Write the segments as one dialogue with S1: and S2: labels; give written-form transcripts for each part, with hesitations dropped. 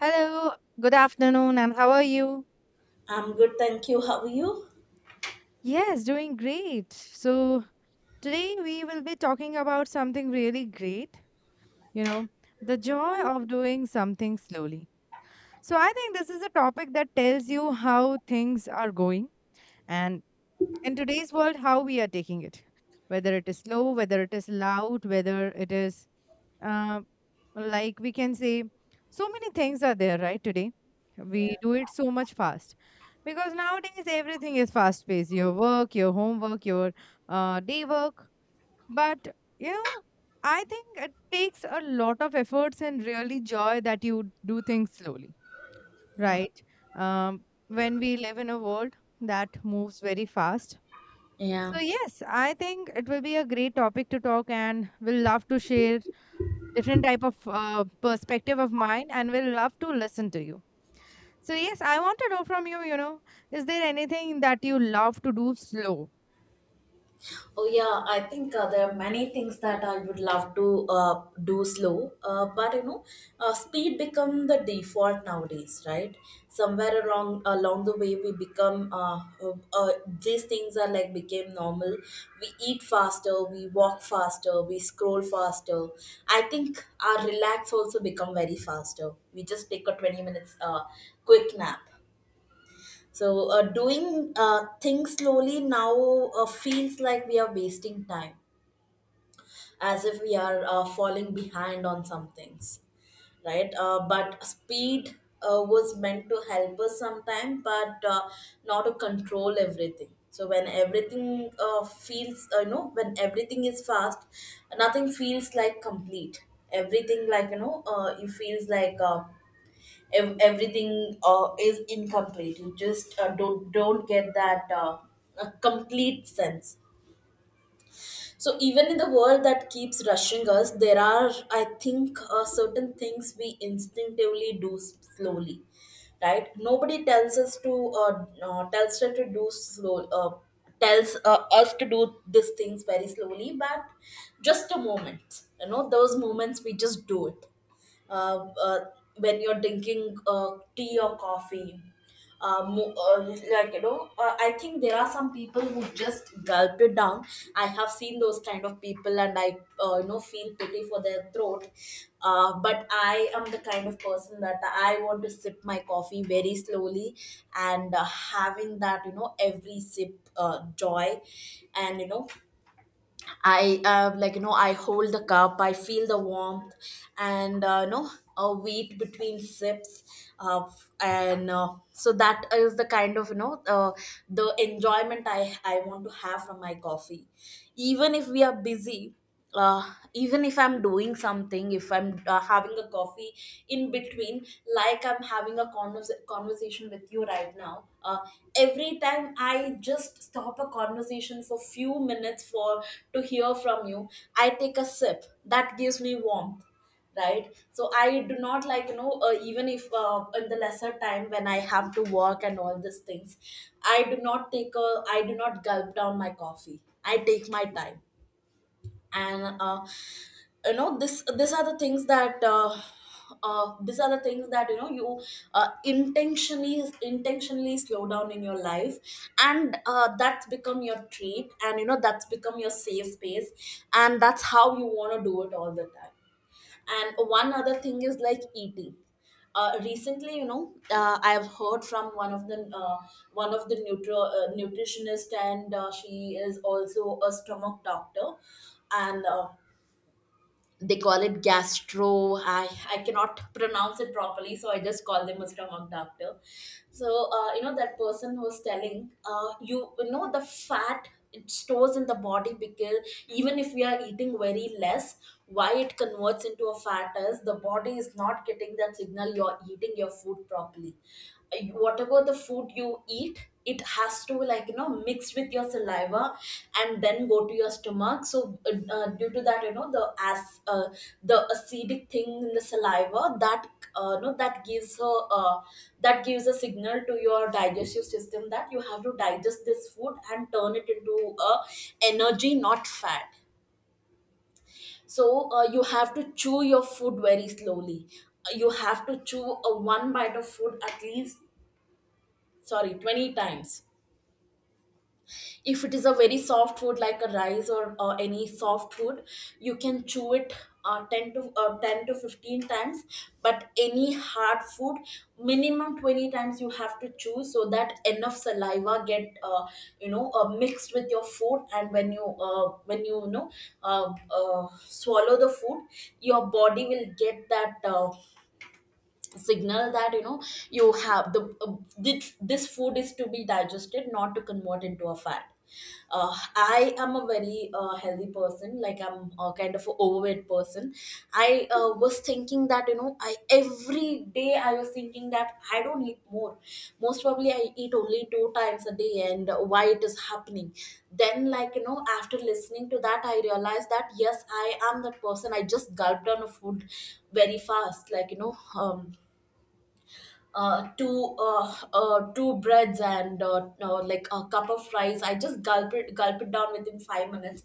S1: Hello, good afternoon, and how are you?
S2: I'm good, thank you. How are you?
S1: Yes, doing great. So, today we will be talking about something really great, you know, the joy of doing something slowly. So, I think this is a topic that tells you how things are going and in today's world how we are taking it, whether it is slow, whether it is loud, whether it is uh, like we can say so many things are there right today.
S2: Yeah,
S1: We do it so much fast because nowadays everything is fast paced, your work, your homework, your day work. But you know, I think it takes a lot of efforts and really joy that you do things slowly,
S2: yeah.
S1: right? um, when we live in a world that moves very fast.
S2: Yeah.
S1: So yes, I think it will be a great topic to talk and will love to share different type of perspective of mine and will love to listen to you. So yes, I want to know from you, you know, is there anything that you love to do slow?
S2: Oh, yeah. I think there are many things that I would love to do slow, but you know, speed become the default nowadays, right? Somewhere along the way, we become these things are like became normal. We eat faster, we walk faster, we scroll faster. I think our relax also become very faster. We just take a 20 minutes quick nap. So, doing things slowly now feels like we are wasting time, as if we are falling behind on some things, right? But speed was meant to help us sometime, but not to control everything. So when everything when everything is fast, nothing feels like complete. Everything it feels like. Everything is incomplete. You just don't get that a complete sense. So even in the world that keeps rushing us, there are, I think, certain things we instinctively do slowly, right? Nobody tells us to, uh, tells us to do slow, tells us to do these things very slowly, but just a moment, you know, those moments we just do it, uh, uh, when you're drinking tea or coffee. Uh, mo- uh, I think there are some people who just gulp it down. I have seen those kind of people, and I, uh, feel pity for their throat. But I am the kind of person that I want to sip my coffee very slowly, and having that, you know, every sip joy, and I, uh, I hold the cup, I feel the warmth, and uh, a wait between sips, uh, and so that is the kind of, the enjoyment I want to have from my coffee, even if we are busy, uh, even if I'm doing something, if I'm having a coffee in between, like I'm having a conversation with you right now. Every time I just stop a conversation for few minutes for to hear from you, I take a sip that gives me warmth, right? So I do not, even if in the lesser time when I have to work and all these things, I do not gulp down my coffee. I take my time, and uh, this these are the things that, these are the things that, you know, you intentionally slow down in your life, and that's become your treat, and you know that's become your safe space, and that's how you want to do it all the time. And one other thing is like eating. Recently, you know, I have heard from one of the nutritionist, and she is also a stomach doctor, and they call it gastro. I cannot pronounce it properly, so I just call them Mr. stomach doctor. So that person was telling you, you know, the fat, it stores in the body because even if we are eating very less, why it converts into a fat is the body is not getting that signal you're eating your food properly. Whatever the food you eat, it has to, mixed with your saliva and then go to your stomach. So due to that, you know, the acidic thing in the saliva that no that gives a, uh, that gives a signal to your digestive system that you have to digest this food and turn it into a energy, not fat. So you have to chew your food very slowly. You have to chew a one bite of food at least, sorry, 20 times. If it is a very soft food like a rice or any soft food, you can chew it 10 to 10 to 15 times, but any hard food, minimum 20 times you have to chew, so that enough saliva get mixed with your food. And when you know, swallow the food, your body will get that signal that, you know, you have the, this food is to be digested, not to convert into a fat. I am a very healthy person, like I'm a kind of a overweight person. I was thinking that you know I Every day I was thinking that I don't eat more, most probably I eat only two times a day, and why it is happening. Then, like you know, after listening to that, I realized that yes, I am that person. I just gulped down a food very fast, like you know. um, Two breads and like a cup of rice, I just gulp it down within 5 minutes,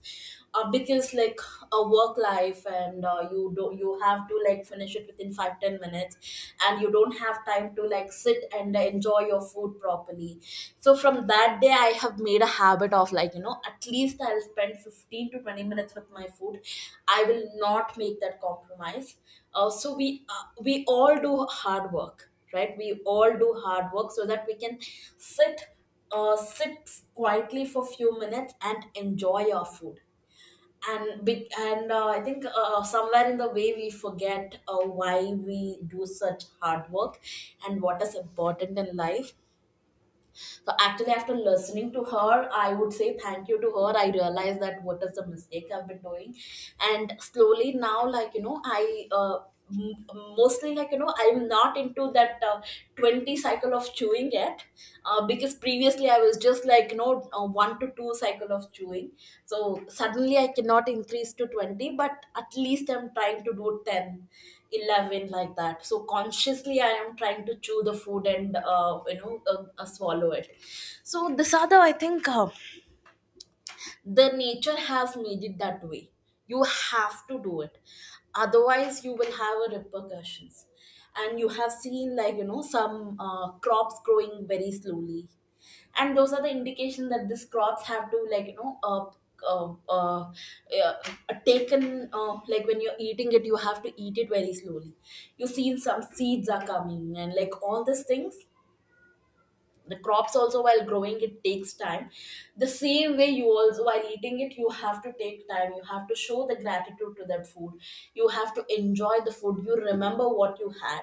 S2: because like a work life, and you have to like finish it within 5, 10 minutes, and you don't have time to like sit and enjoy your food properly. So from that day, I have made a habit of, like you know, at least I'll spend 15 to 20 minutes with my food. I will not make that compromise. We all do hard work, right? We all do hard work so that we can sit, sit quietly for few minutes and enjoy our food. And be, and I think somewhere in the way we forget why we do such hard work and what is important in life. So actually, after listening to her, I would say thank you to her. I realized that what is the mistake I've been doing, and slowly now, m- mostly, like you know, I'm not into that 20 cycle of chewing yet, because previously I was just, like you know, 1 to 2 cycle of chewing. So suddenly I cannot increase to 20, but at least I'm trying to do 10, 11, like that. So consciously I am trying to chew the food and swallow it. So this are the, I think, the nature has made it that way. You have to do it, otherwise you will have a repercussions. And you have seen, like you know, some crops growing very slowly, and those are the indication that these crops have to, uh, uh, yeah, taken, like when you're eating it, you have to eat it very slowly. You see some seeds are coming and like all these things. The crops also, while growing, it takes time. The same way, you also, while eating it, you have to take time. You have to show the gratitude to that food. You have to enjoy the food, you remember what you had.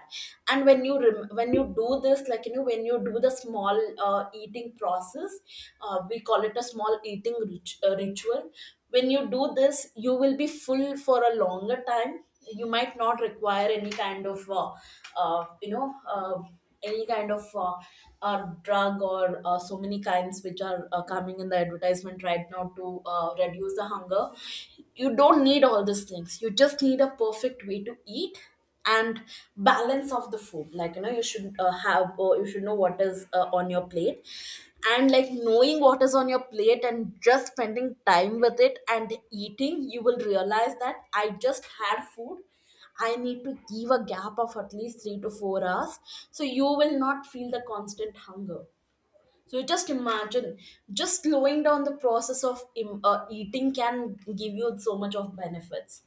S2: And when you when you do this, like you know, when you do the small eating process, we call it a small eating ritual. When you do this, you will be full for a longer time. You might not require any kind of, uh, you know uh, any kind of, drug or so many kinds which are coming in the advertisement right now to reduce the hunger. You don't need all these things. You just need a perfect way to eat, and balance of the food. Like you know, you should have or you should know what is on your plate. And like knowing what is on your plate and just spending time with it and eating, you will realize that I just had food, I need to give a gap of at least 3 to 4 hours, so you will not feel the constant hunger. So just imagine, just slowing down the process of eating can give you so much of benefits.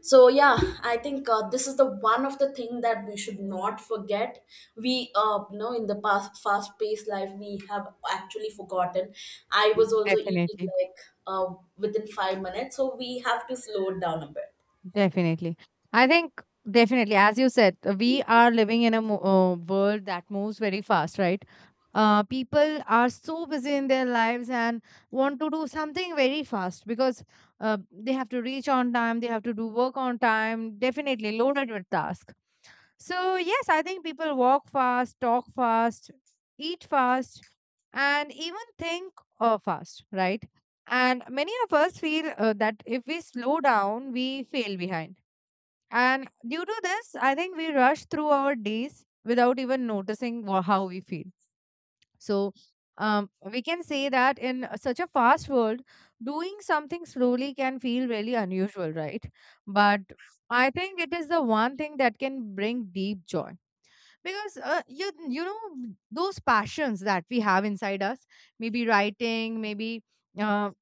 S2: So yeah, I think this is the one of the thing that we should not forget. We in the past fast paced life we have actually forgotten. I was also eating
S1: Definitely.
S2: like within 5 minutes, so we have to slow it down a bit.
S1: Definitely. I think definitely, as you said, we are living in a world that moves very fast, right? People are so busy in their lives and want to do something very fast because they have to reach on time, they have to do work on time, definitely loaded with task. So, yes, I think people walk fast, talk fast, eat fast, and even think fast, right? And many of us feel that if we slow down, we fail behind, and due to this, I think we rush through our days without even noticing how we feel. So, we can say that in such a fast world, doing something slowly can feel really unusual, right? But I think it is the one thing that can bring deep joy because you know those passions that we have inside us, maybe writing, maybe uh,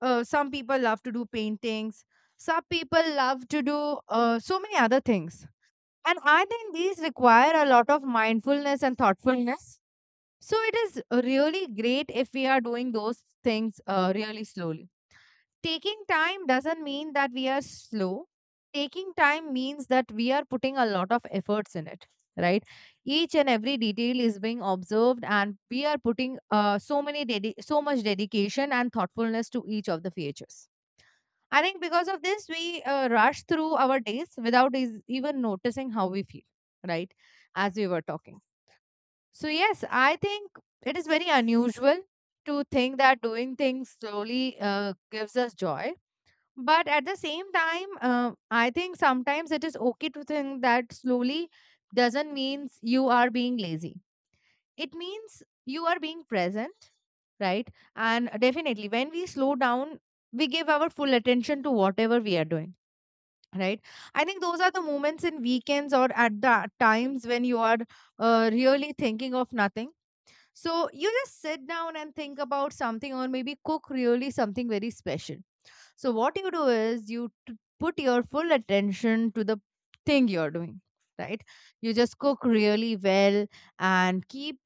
S1: some people love to do paintings, some people love to do so many other things, and I think these require a lot of mindfulness and thoughtfulness. So it is really great if we are doing those things really slowly. Taking time doesn't mean that we are slow. Taking time means that we are putting a lot of efforts in it, right? Each and every detail is being observed, and we are putting so many so much dedication and thoughtfulness to each of the features. I think because of this, we rush through our days without even noticing how we feel, right? As we were talking. So, yes, I think it is very unusual to think that doing things slowly gives us joy. But at the same time, I think sometimes it is okay to think that slowly doesn't means you are being lazy. It means you are being present, right? And definitely, when we slow down, we give our full attention to whatever we are doing, right? I think those are the moments in weekends or at the times when you are really thinking of nothing. So you just sit down and think about something or maybe cook really something very special. So what you do is you put your full attention to the thing you're doing, right? You just cook really well and keep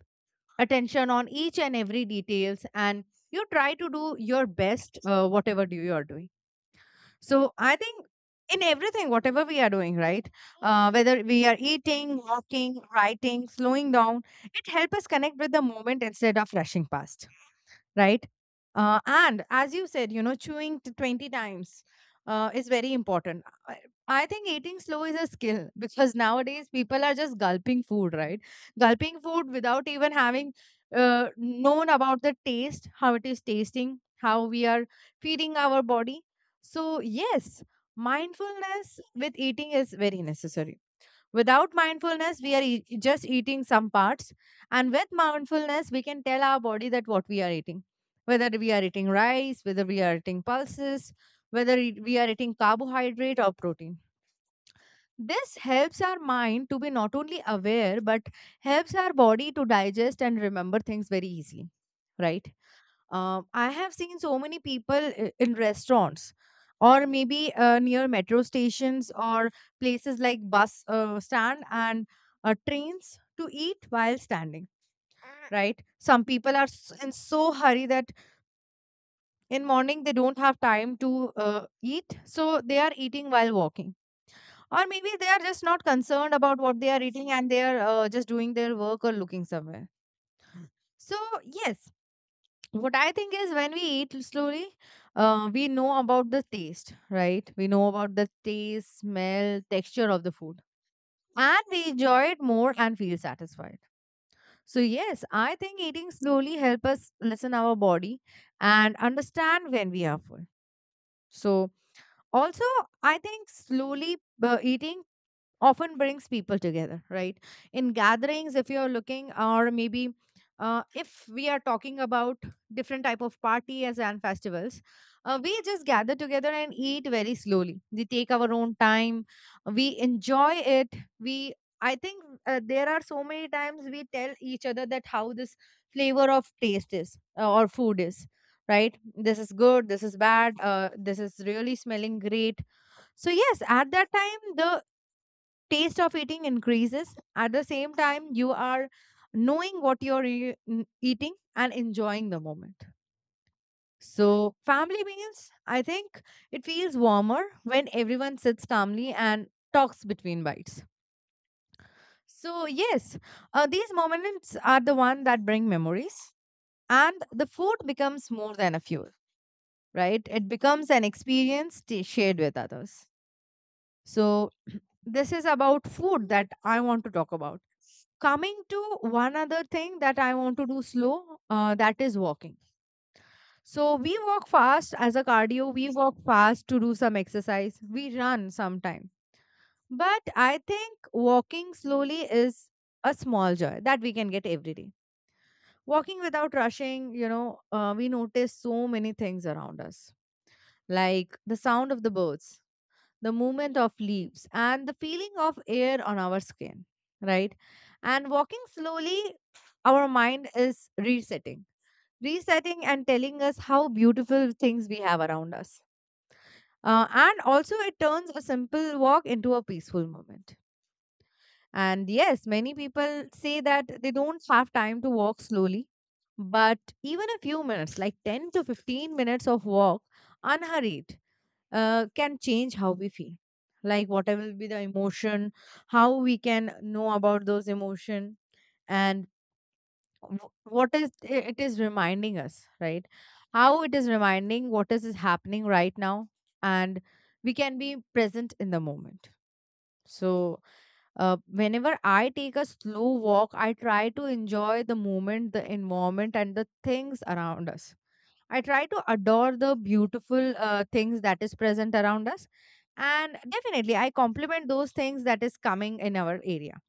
S1: attention on each and every details, and you try to do your best whatever do you are doing. So I think in everything, whatever we are doing, right? Whether we are eating, walking, writing, slowing down, it helps us connect with the moment instead of rushing past, right? And as you said, you know, chewing 20 times is very important. I think eating slow is a skill because nowadays people are just gulping food, right? Gulping food without even having known about the taste, how it is tasting, how we are feeding our body. So, yes, mindfulness with eating is very necessary. Without mindfulness, we are just eating some parts. And with mindfulness, we can tell our body that what we are eating, whether we are eating rice, whether we are eating pulses, whether we are eating carbohydrate or protein. This helps our mind to be not only aware, but helps our body to digest and remember things very easily, right? I have seen so many people in restaurants or maybe near metro stations or places like bus stand and trains to eat while standing, right? Some people are in so hurry that in morning they don't have time to eat, so they are eating while walking, or maybe they are just not concerned about what they are eating and they are just doing their work or looking somewhere. So yes, what I think is, when we eat slowly, we know about the taste, right? We know about the taste, smell, texture of the food, and we enjoy it more and feel satisfied. So yes, I think eating slowly help us listen our body and understand when we are full. So also, I think slowly eating often brings people together, right? In gatherings, if you're looking, or maybe if we are talking about different type of parties and festivals, we just gather together and eat very slowly, we take our own time, we enjoy it. We, I think there are so many times we tell each other that how this flavor of taste is or food is, right? This is good, this is bad, this is really smelling great. So yes, at that time the taste of eating increases. At the same time you are knowing what you're eating and enjoying the moment. So family meals, I think, it feels warmer when everyone sits calmly and talks between bites. So yes, these moments are the one that bring memories, and the food becomes more than a fuel, right? It becomes an experience shared with others. So this is about food that I want to talk about. Coming to one other thing that I want to do slow, that is walking. So we walk fast as a cardio, we walk fast to do some exercise, we run sometime. But I think walking slowly is a small joy that we can get every day. Walking without rushing, you know, we notice so many things around us, like the sound of the birds, the movement of leaves, and the feeling of air on our skin, right? And walking slowly, our mind is resetting, resetting and telling us how beautiful things we have around us. And also, it turns a simple walk into a peaceful moment. And yes, many people say that they don't have time to walk slowly, but even a few minutes, like 10 to 15 minutes of walk, unhurried, can change how we feel, like whatever will be the emotion, how we can know about those emotion, and wh- what it is reminding us, right? How it is reminding what is happening right now, and we can be present in the moment. So whenever I take a slow walk, I try to enjoy the moment, the environment, and the things around us. I try to adore the beautiful things that is present around us. And definitely, I compliment those things that is coming in our area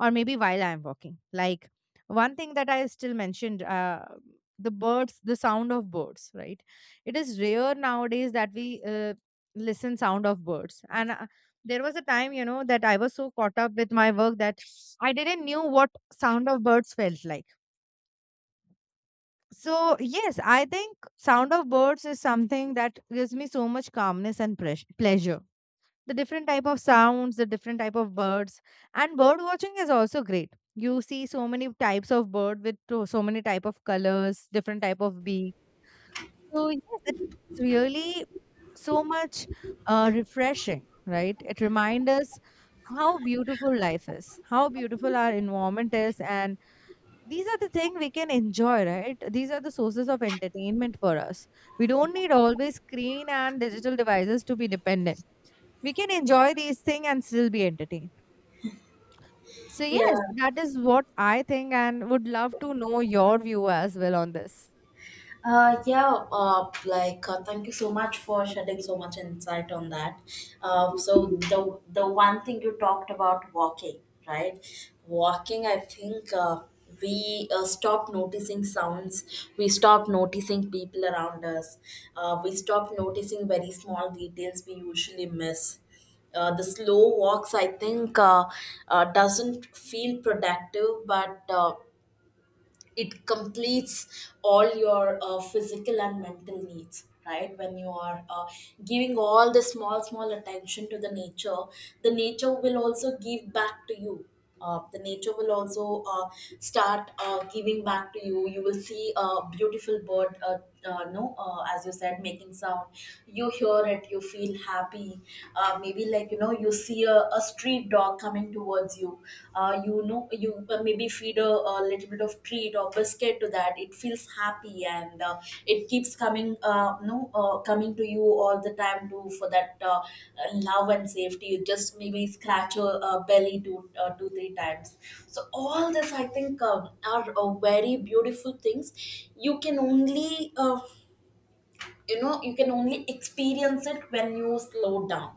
S1: or maybe while I am walking. Like one thing that I still mentioned, the birds, the sound of birds, right? It is rare nowadays that we listen sound of birds. And there was a time, you know, that I was so caught up with my work that I didn't knew what sound of birds felt like. So, yes, I think sound of birds is something that gives me so much calmness and pleasure. The different type of sounds, the different type of birds, and bird watching is also great. You see so many types of bird with so many type of colors, different type of beak. So, yes, it's really so much refreshing, right? It reminds us how beautiful life is, how beautiful our environment is, and these are the thing we can enjoy, right? These are the sources of entertainment for us. We don't need always screen and digital devices to be dependent. We can enjoy these things and still be entertained. So
S2: Yeah.
S1: yes, that is what I think, and would love to know your view as well on this.
S2: Thank you so much for shedding so much insight on that. So the one thing you talked about walking, right? Walking, I think, we stop noticing sounds, we stop noticing people around us, we stop noticing very small details we usually miss. The slow walks, I think, doesn't feel productive, but it completes all your physical and mental needs right when you are giving all the small small attention to the nature. Will also give back to you. The nature will also start giving back to you. Will see a beautiful bird, no as you said, making sound. You hear it, you feel happy. Maybe, like, you know, you see a street dog coming towards you. You know, you maybe feed a little bit of treat or biscuit to that, it feels happy, and it keeps coming no coming to you all the time to for that love and safety. You just maybe scratch your belly 2, 3 times. So all this, I think, are very beautiful things. You can only, you know, you can only experience it when you slow down.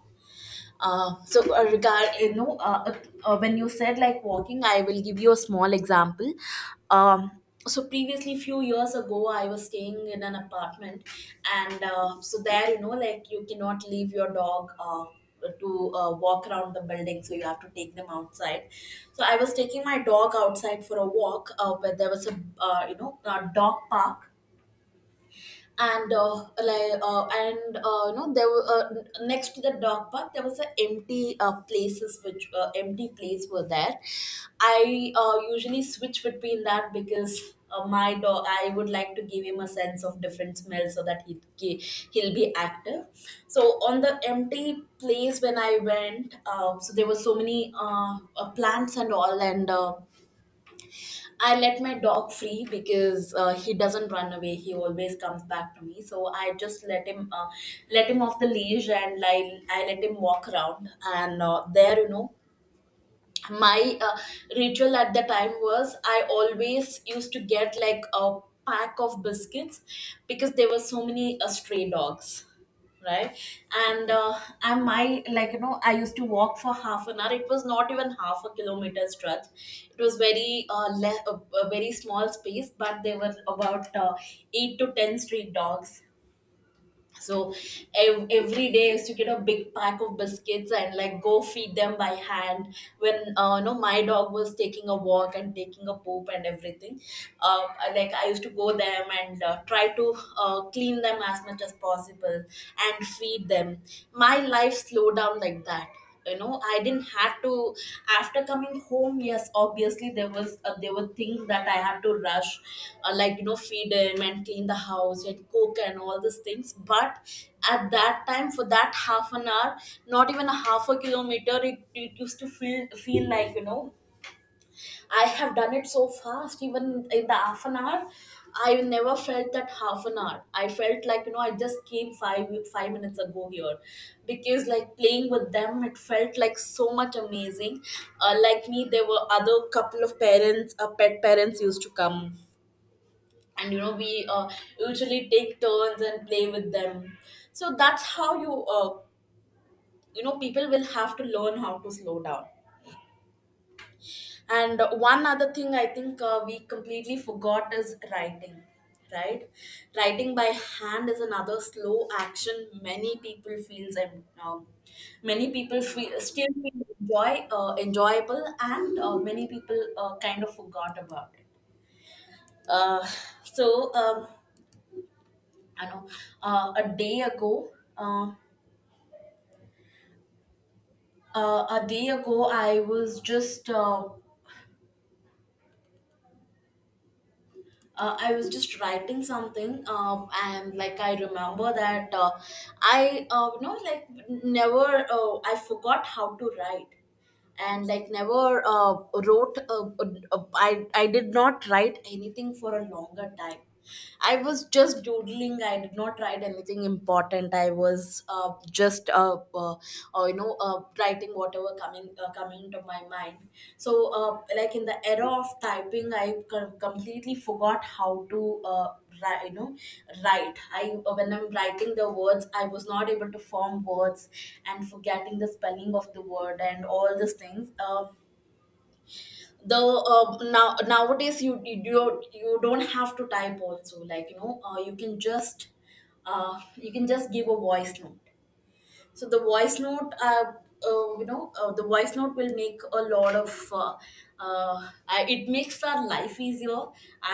S2: So regard you know When you said like walking, I will give you a small example. Um, so previously few years ago, I was staying in an apartment, and so there, you know, like you cannot leave your dog to walk around the building, so you have to take them outside. So I was taking my dog outside for a walk, but there was a, you know, a dog park, and you know, there were, next to the dog park there was a empty place were there. I usually switch between that because my dog, I would like to give him a sense of different smell so that he'll be active. So on the empty place when I went, so there were so many plants and all, and I let my dog free because he doesn't run away. He always comes back to me. So I just let him, let him off the leash, and I let him walk around. And there, you know, my ritual at the time was I always used to get like a pack of biscuits, because there were so many stray dogs, right? And uh, and my, like, you know, I used to walk for half an hour. It was not even half a kilometer stretch. It was very, a very small space, but there were about 8 to 10 stray dogs so every day I used to get a big pack of biscuits and like go feed them by hand when, no my dog was taking a walk and taking a poop and everything. Like I used to go them and try to clean them as much as possible and feed them. My life slowed down like that. You know, I didn't have to, after coming home, yes, obviously there was, there were things that I had to rush, like, you know, feed him and clean the house and cook and all these things. But at that time for that half an hour, not even a half a kilometer, it used to feel like, you know, I have done it so fast, even in the half an hour. I never felt that half an hour. I felt like, you know, I just came five five minutes ago here, because like playing with them, it felt like so much amazing. Like me, there were other couple of parents, pet parents used to come, and you know we usually take turns and play with them. So that's how you, you know, people will have to learn how to slow down. And one other thing I think we completely forgot is writing, right? Writing by hand is another slow action many people feels, and many people feel still feel enjoyable, and many people kind of forgot about it. Uh, so um, I know, uh, a day ago, uh, a day ago I was just. I was just writing something, and like I remember that, you know, like never, I forgot how to write, and like never wrote. I did not write anything for a longer time. I was just doodling. I did not write anything important. I was, you know, writing whatever coming my mind. So like in the era of typing, I completely forgot how to write, you know, write. I, when I'm writing the words, I was not able to form words, and forgetting the spelling of the word and all these things. The now Nowadays you don't have to type also, like, you know, you can just, you can just give a voice note. So the voice note you know, the voice note will make a lot of, it makes our life easier.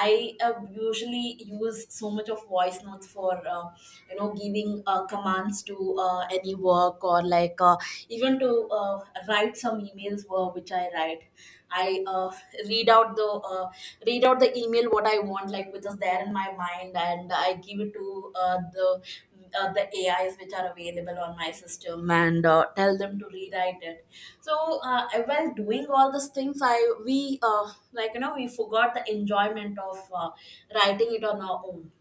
S2: I usually use so much of voice notes for, you know, giving commands to any work, or like even to write some emails were which I write. I, read out the uh, read out the email what I want, like which is there in my mind, and I give it to the AIs which are available on my system, and tell them to rewrite it. So while doing all these things, I we like, you know, we forgot the enjoyment of writing it on our own.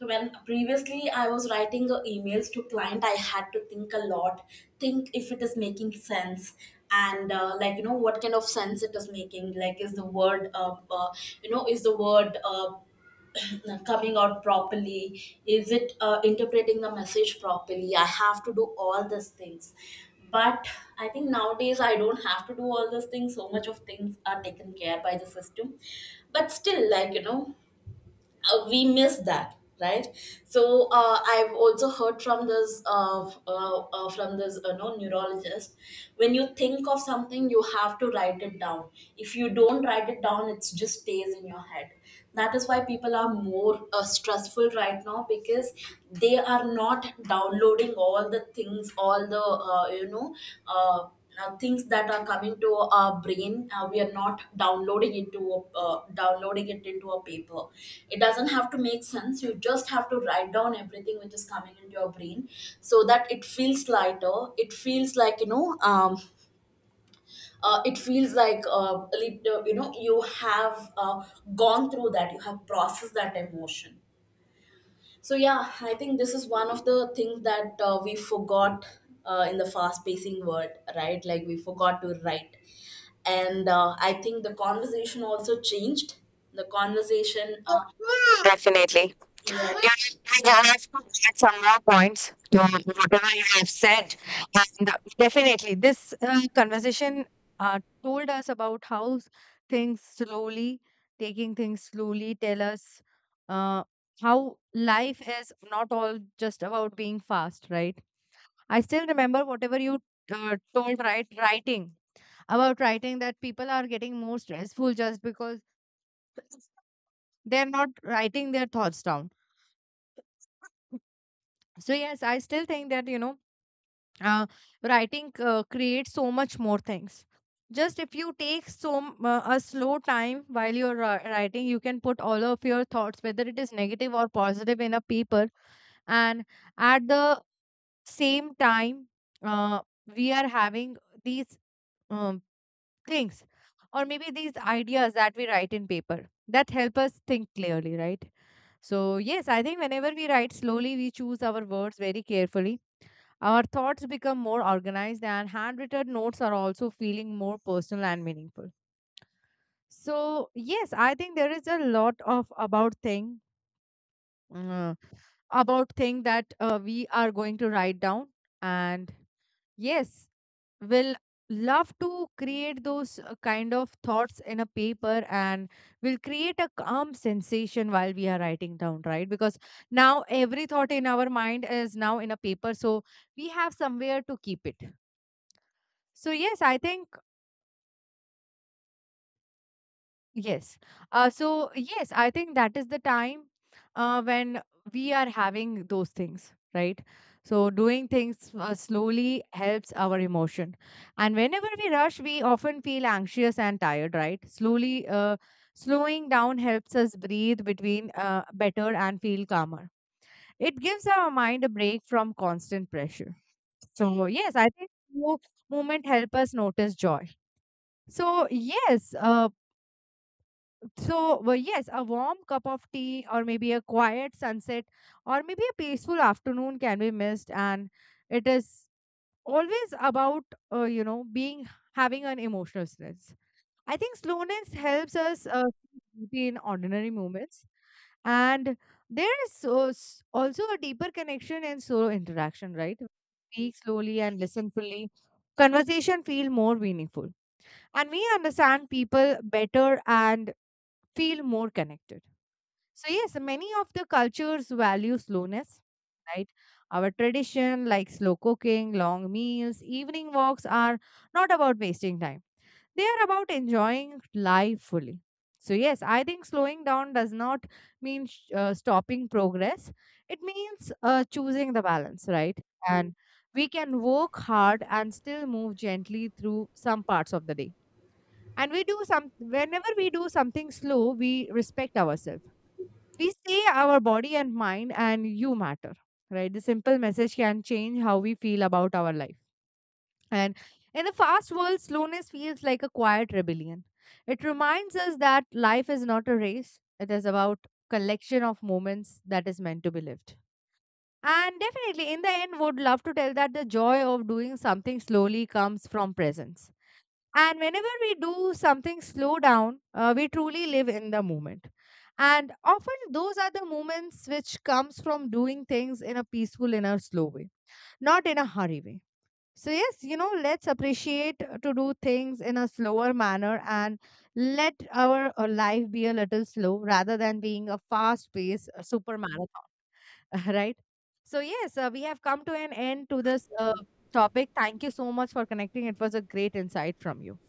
S2: So when previously I was writing emails to client, I had to think a lot, think if it is making sense, and like, you know, what kind of sense it is making. Like is the word, you know, is the word. Coming out properly, is it interpreting the message properly? I have to do all these things. But I think nowadays I don't have to do all those things, so much of things are taken care by the system. But still, like, you know, we miss that, right? So I've also heard from this, from this, no, neurologist, when you think of something, you have to write it down. If you don't write it down, it just stays in your head. That is why people are more stressful right now, because they are not downloading all the things, all the, uh, you know uh, now things that are coming to our brain, we are not downloading into downloading it into a paper. It doesn't have to make sense, you just have to write down everything which is coming into your brain, so that it feels lighter. It feels like, you know, it feels like, you know, you have, gone through that, you have processed that emotion. So yeah, I think this is one of the things that we forgot, in the fast-pacing world, right? Like we forgot to write, and I think the conversation also changed. The conversation,
S1: Definitely.
S2: yeah.
S1: Yeah, I have to add some more points to whatever you have said. And definitely, this conversation told us about how things slowly, taking things slowly, tell us uh, how life is not all just about being fast, right? I still remember whatever you told right writing about writing that people are getting more stressful just because they're not writing their thoughts down. So yes, I still think that uh, writing creates so much more things. Just if you take a slow time while you're writing, you can put all of your thoughts, whether it is negative or positive, in a paper. And at the same time, uh, we are having these uh, things, or maybe these ideas that we write in paper, that help us think clearly, right? So yes, I think whenever we write slowly, we choose our words very carefully. Our thoughts become more organized, and handwritten notes are also feeling more personal and meaningful. So yes, I think there is a lot of about thing, uh, about thing that we are going to write down. And yes, we'll love to create those kind of thoughts in a paper, and we'll create a calm sensation while we are writing down, right? Because now every thought in our mind is now in a paper, so we have somewhere to keep it. So yes, I think. Yes. So yes, I think that is the time when we are having those things, right? So, doing things slowly helps our emotion. And whenever we rush, we often feel anxious and tired, right? Slowing down helps us breathe between better and feel calmer. It gives our mind a break from constant pressure. So, yes, I think movement help us notice joy. So, yes, uh, so yes, a warm cup of tea, or maybe a quiet sunset, or maybe a peaceful afternoon can be missed. And it is always about, being having an emotional stress. I think slowness helps us see beauty in ordinary moments. And there is also a deeper connection and solo interaction, right? Speak slowly and listen fully. Conversation feel more meaningful. And we understand people better and feel more connected. So yes, many of the cultures value slowness, right? Our tradition, like slow cooking, long meals, evening walks, are not about wasting time. They are about enjoying life fully. So yes, I think slowing down does not mean stopping progress, it means choosing the balance, right? And we can work hard and still move gently through some parts of the day. And we do some, whenever we do something slow, we respect ourselves. We say our body and mind and you matter, right? The simple message can change how we feel about our life. And in a fast world, slowness feels like a quiet rebellion. It reminds us that life is not a race. It is about collection of moments that is meant to be lived. And definitely, in the end, would love to tell that the joy of doing something slowly comes from presence. And whenever we do something slow down, we truly live in the moment. And often those are the moments which comes from doing things in a peaceful, in a slow way, not in a hurry way. So yes, you know, let's appreciate to do things in a slower manner, and let our life be a little slow rather than being a fast-paced super marathon, right? So yes, we have come to an end to this topic. Thank you so much for connecting. It was a great insight from you.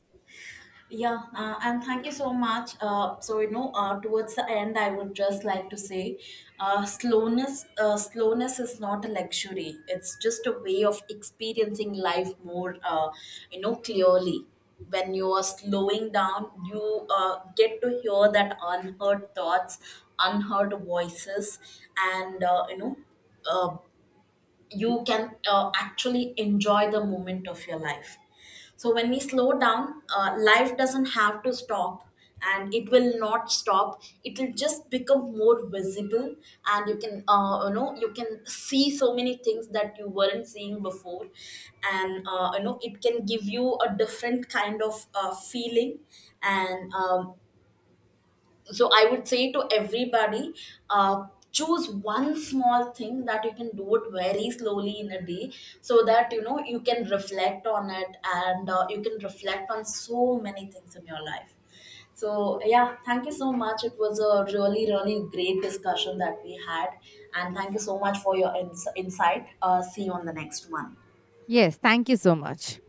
S2: Yeah, and thank you so much. So you know, towards the end, I would just like to say, slowness is not a luxury. It's just a way of experiencing life more, you know, clearly. When you are slowing down, you get to hear that unheard thoughts, unheard voices, and you know, uh, you can actually enjoy the moment of your life. So when we slow down, life doesn't have to stop, and it will not stop, it will just become more visible. And you can, you know, you can see so many things that you weren't seeing before. And you know, it can give you a different kind of feeling. And so I would say to everybody, choose one small thing that you can do it very slowly in a day, so that, you know, you can reflect on it, and you can reflect on so many things in your life. So yeah, thank you so much. It was a really really great discussion that we had, and thank you so much for your insight. See you on the next one.
S1: Yes, thank you so much.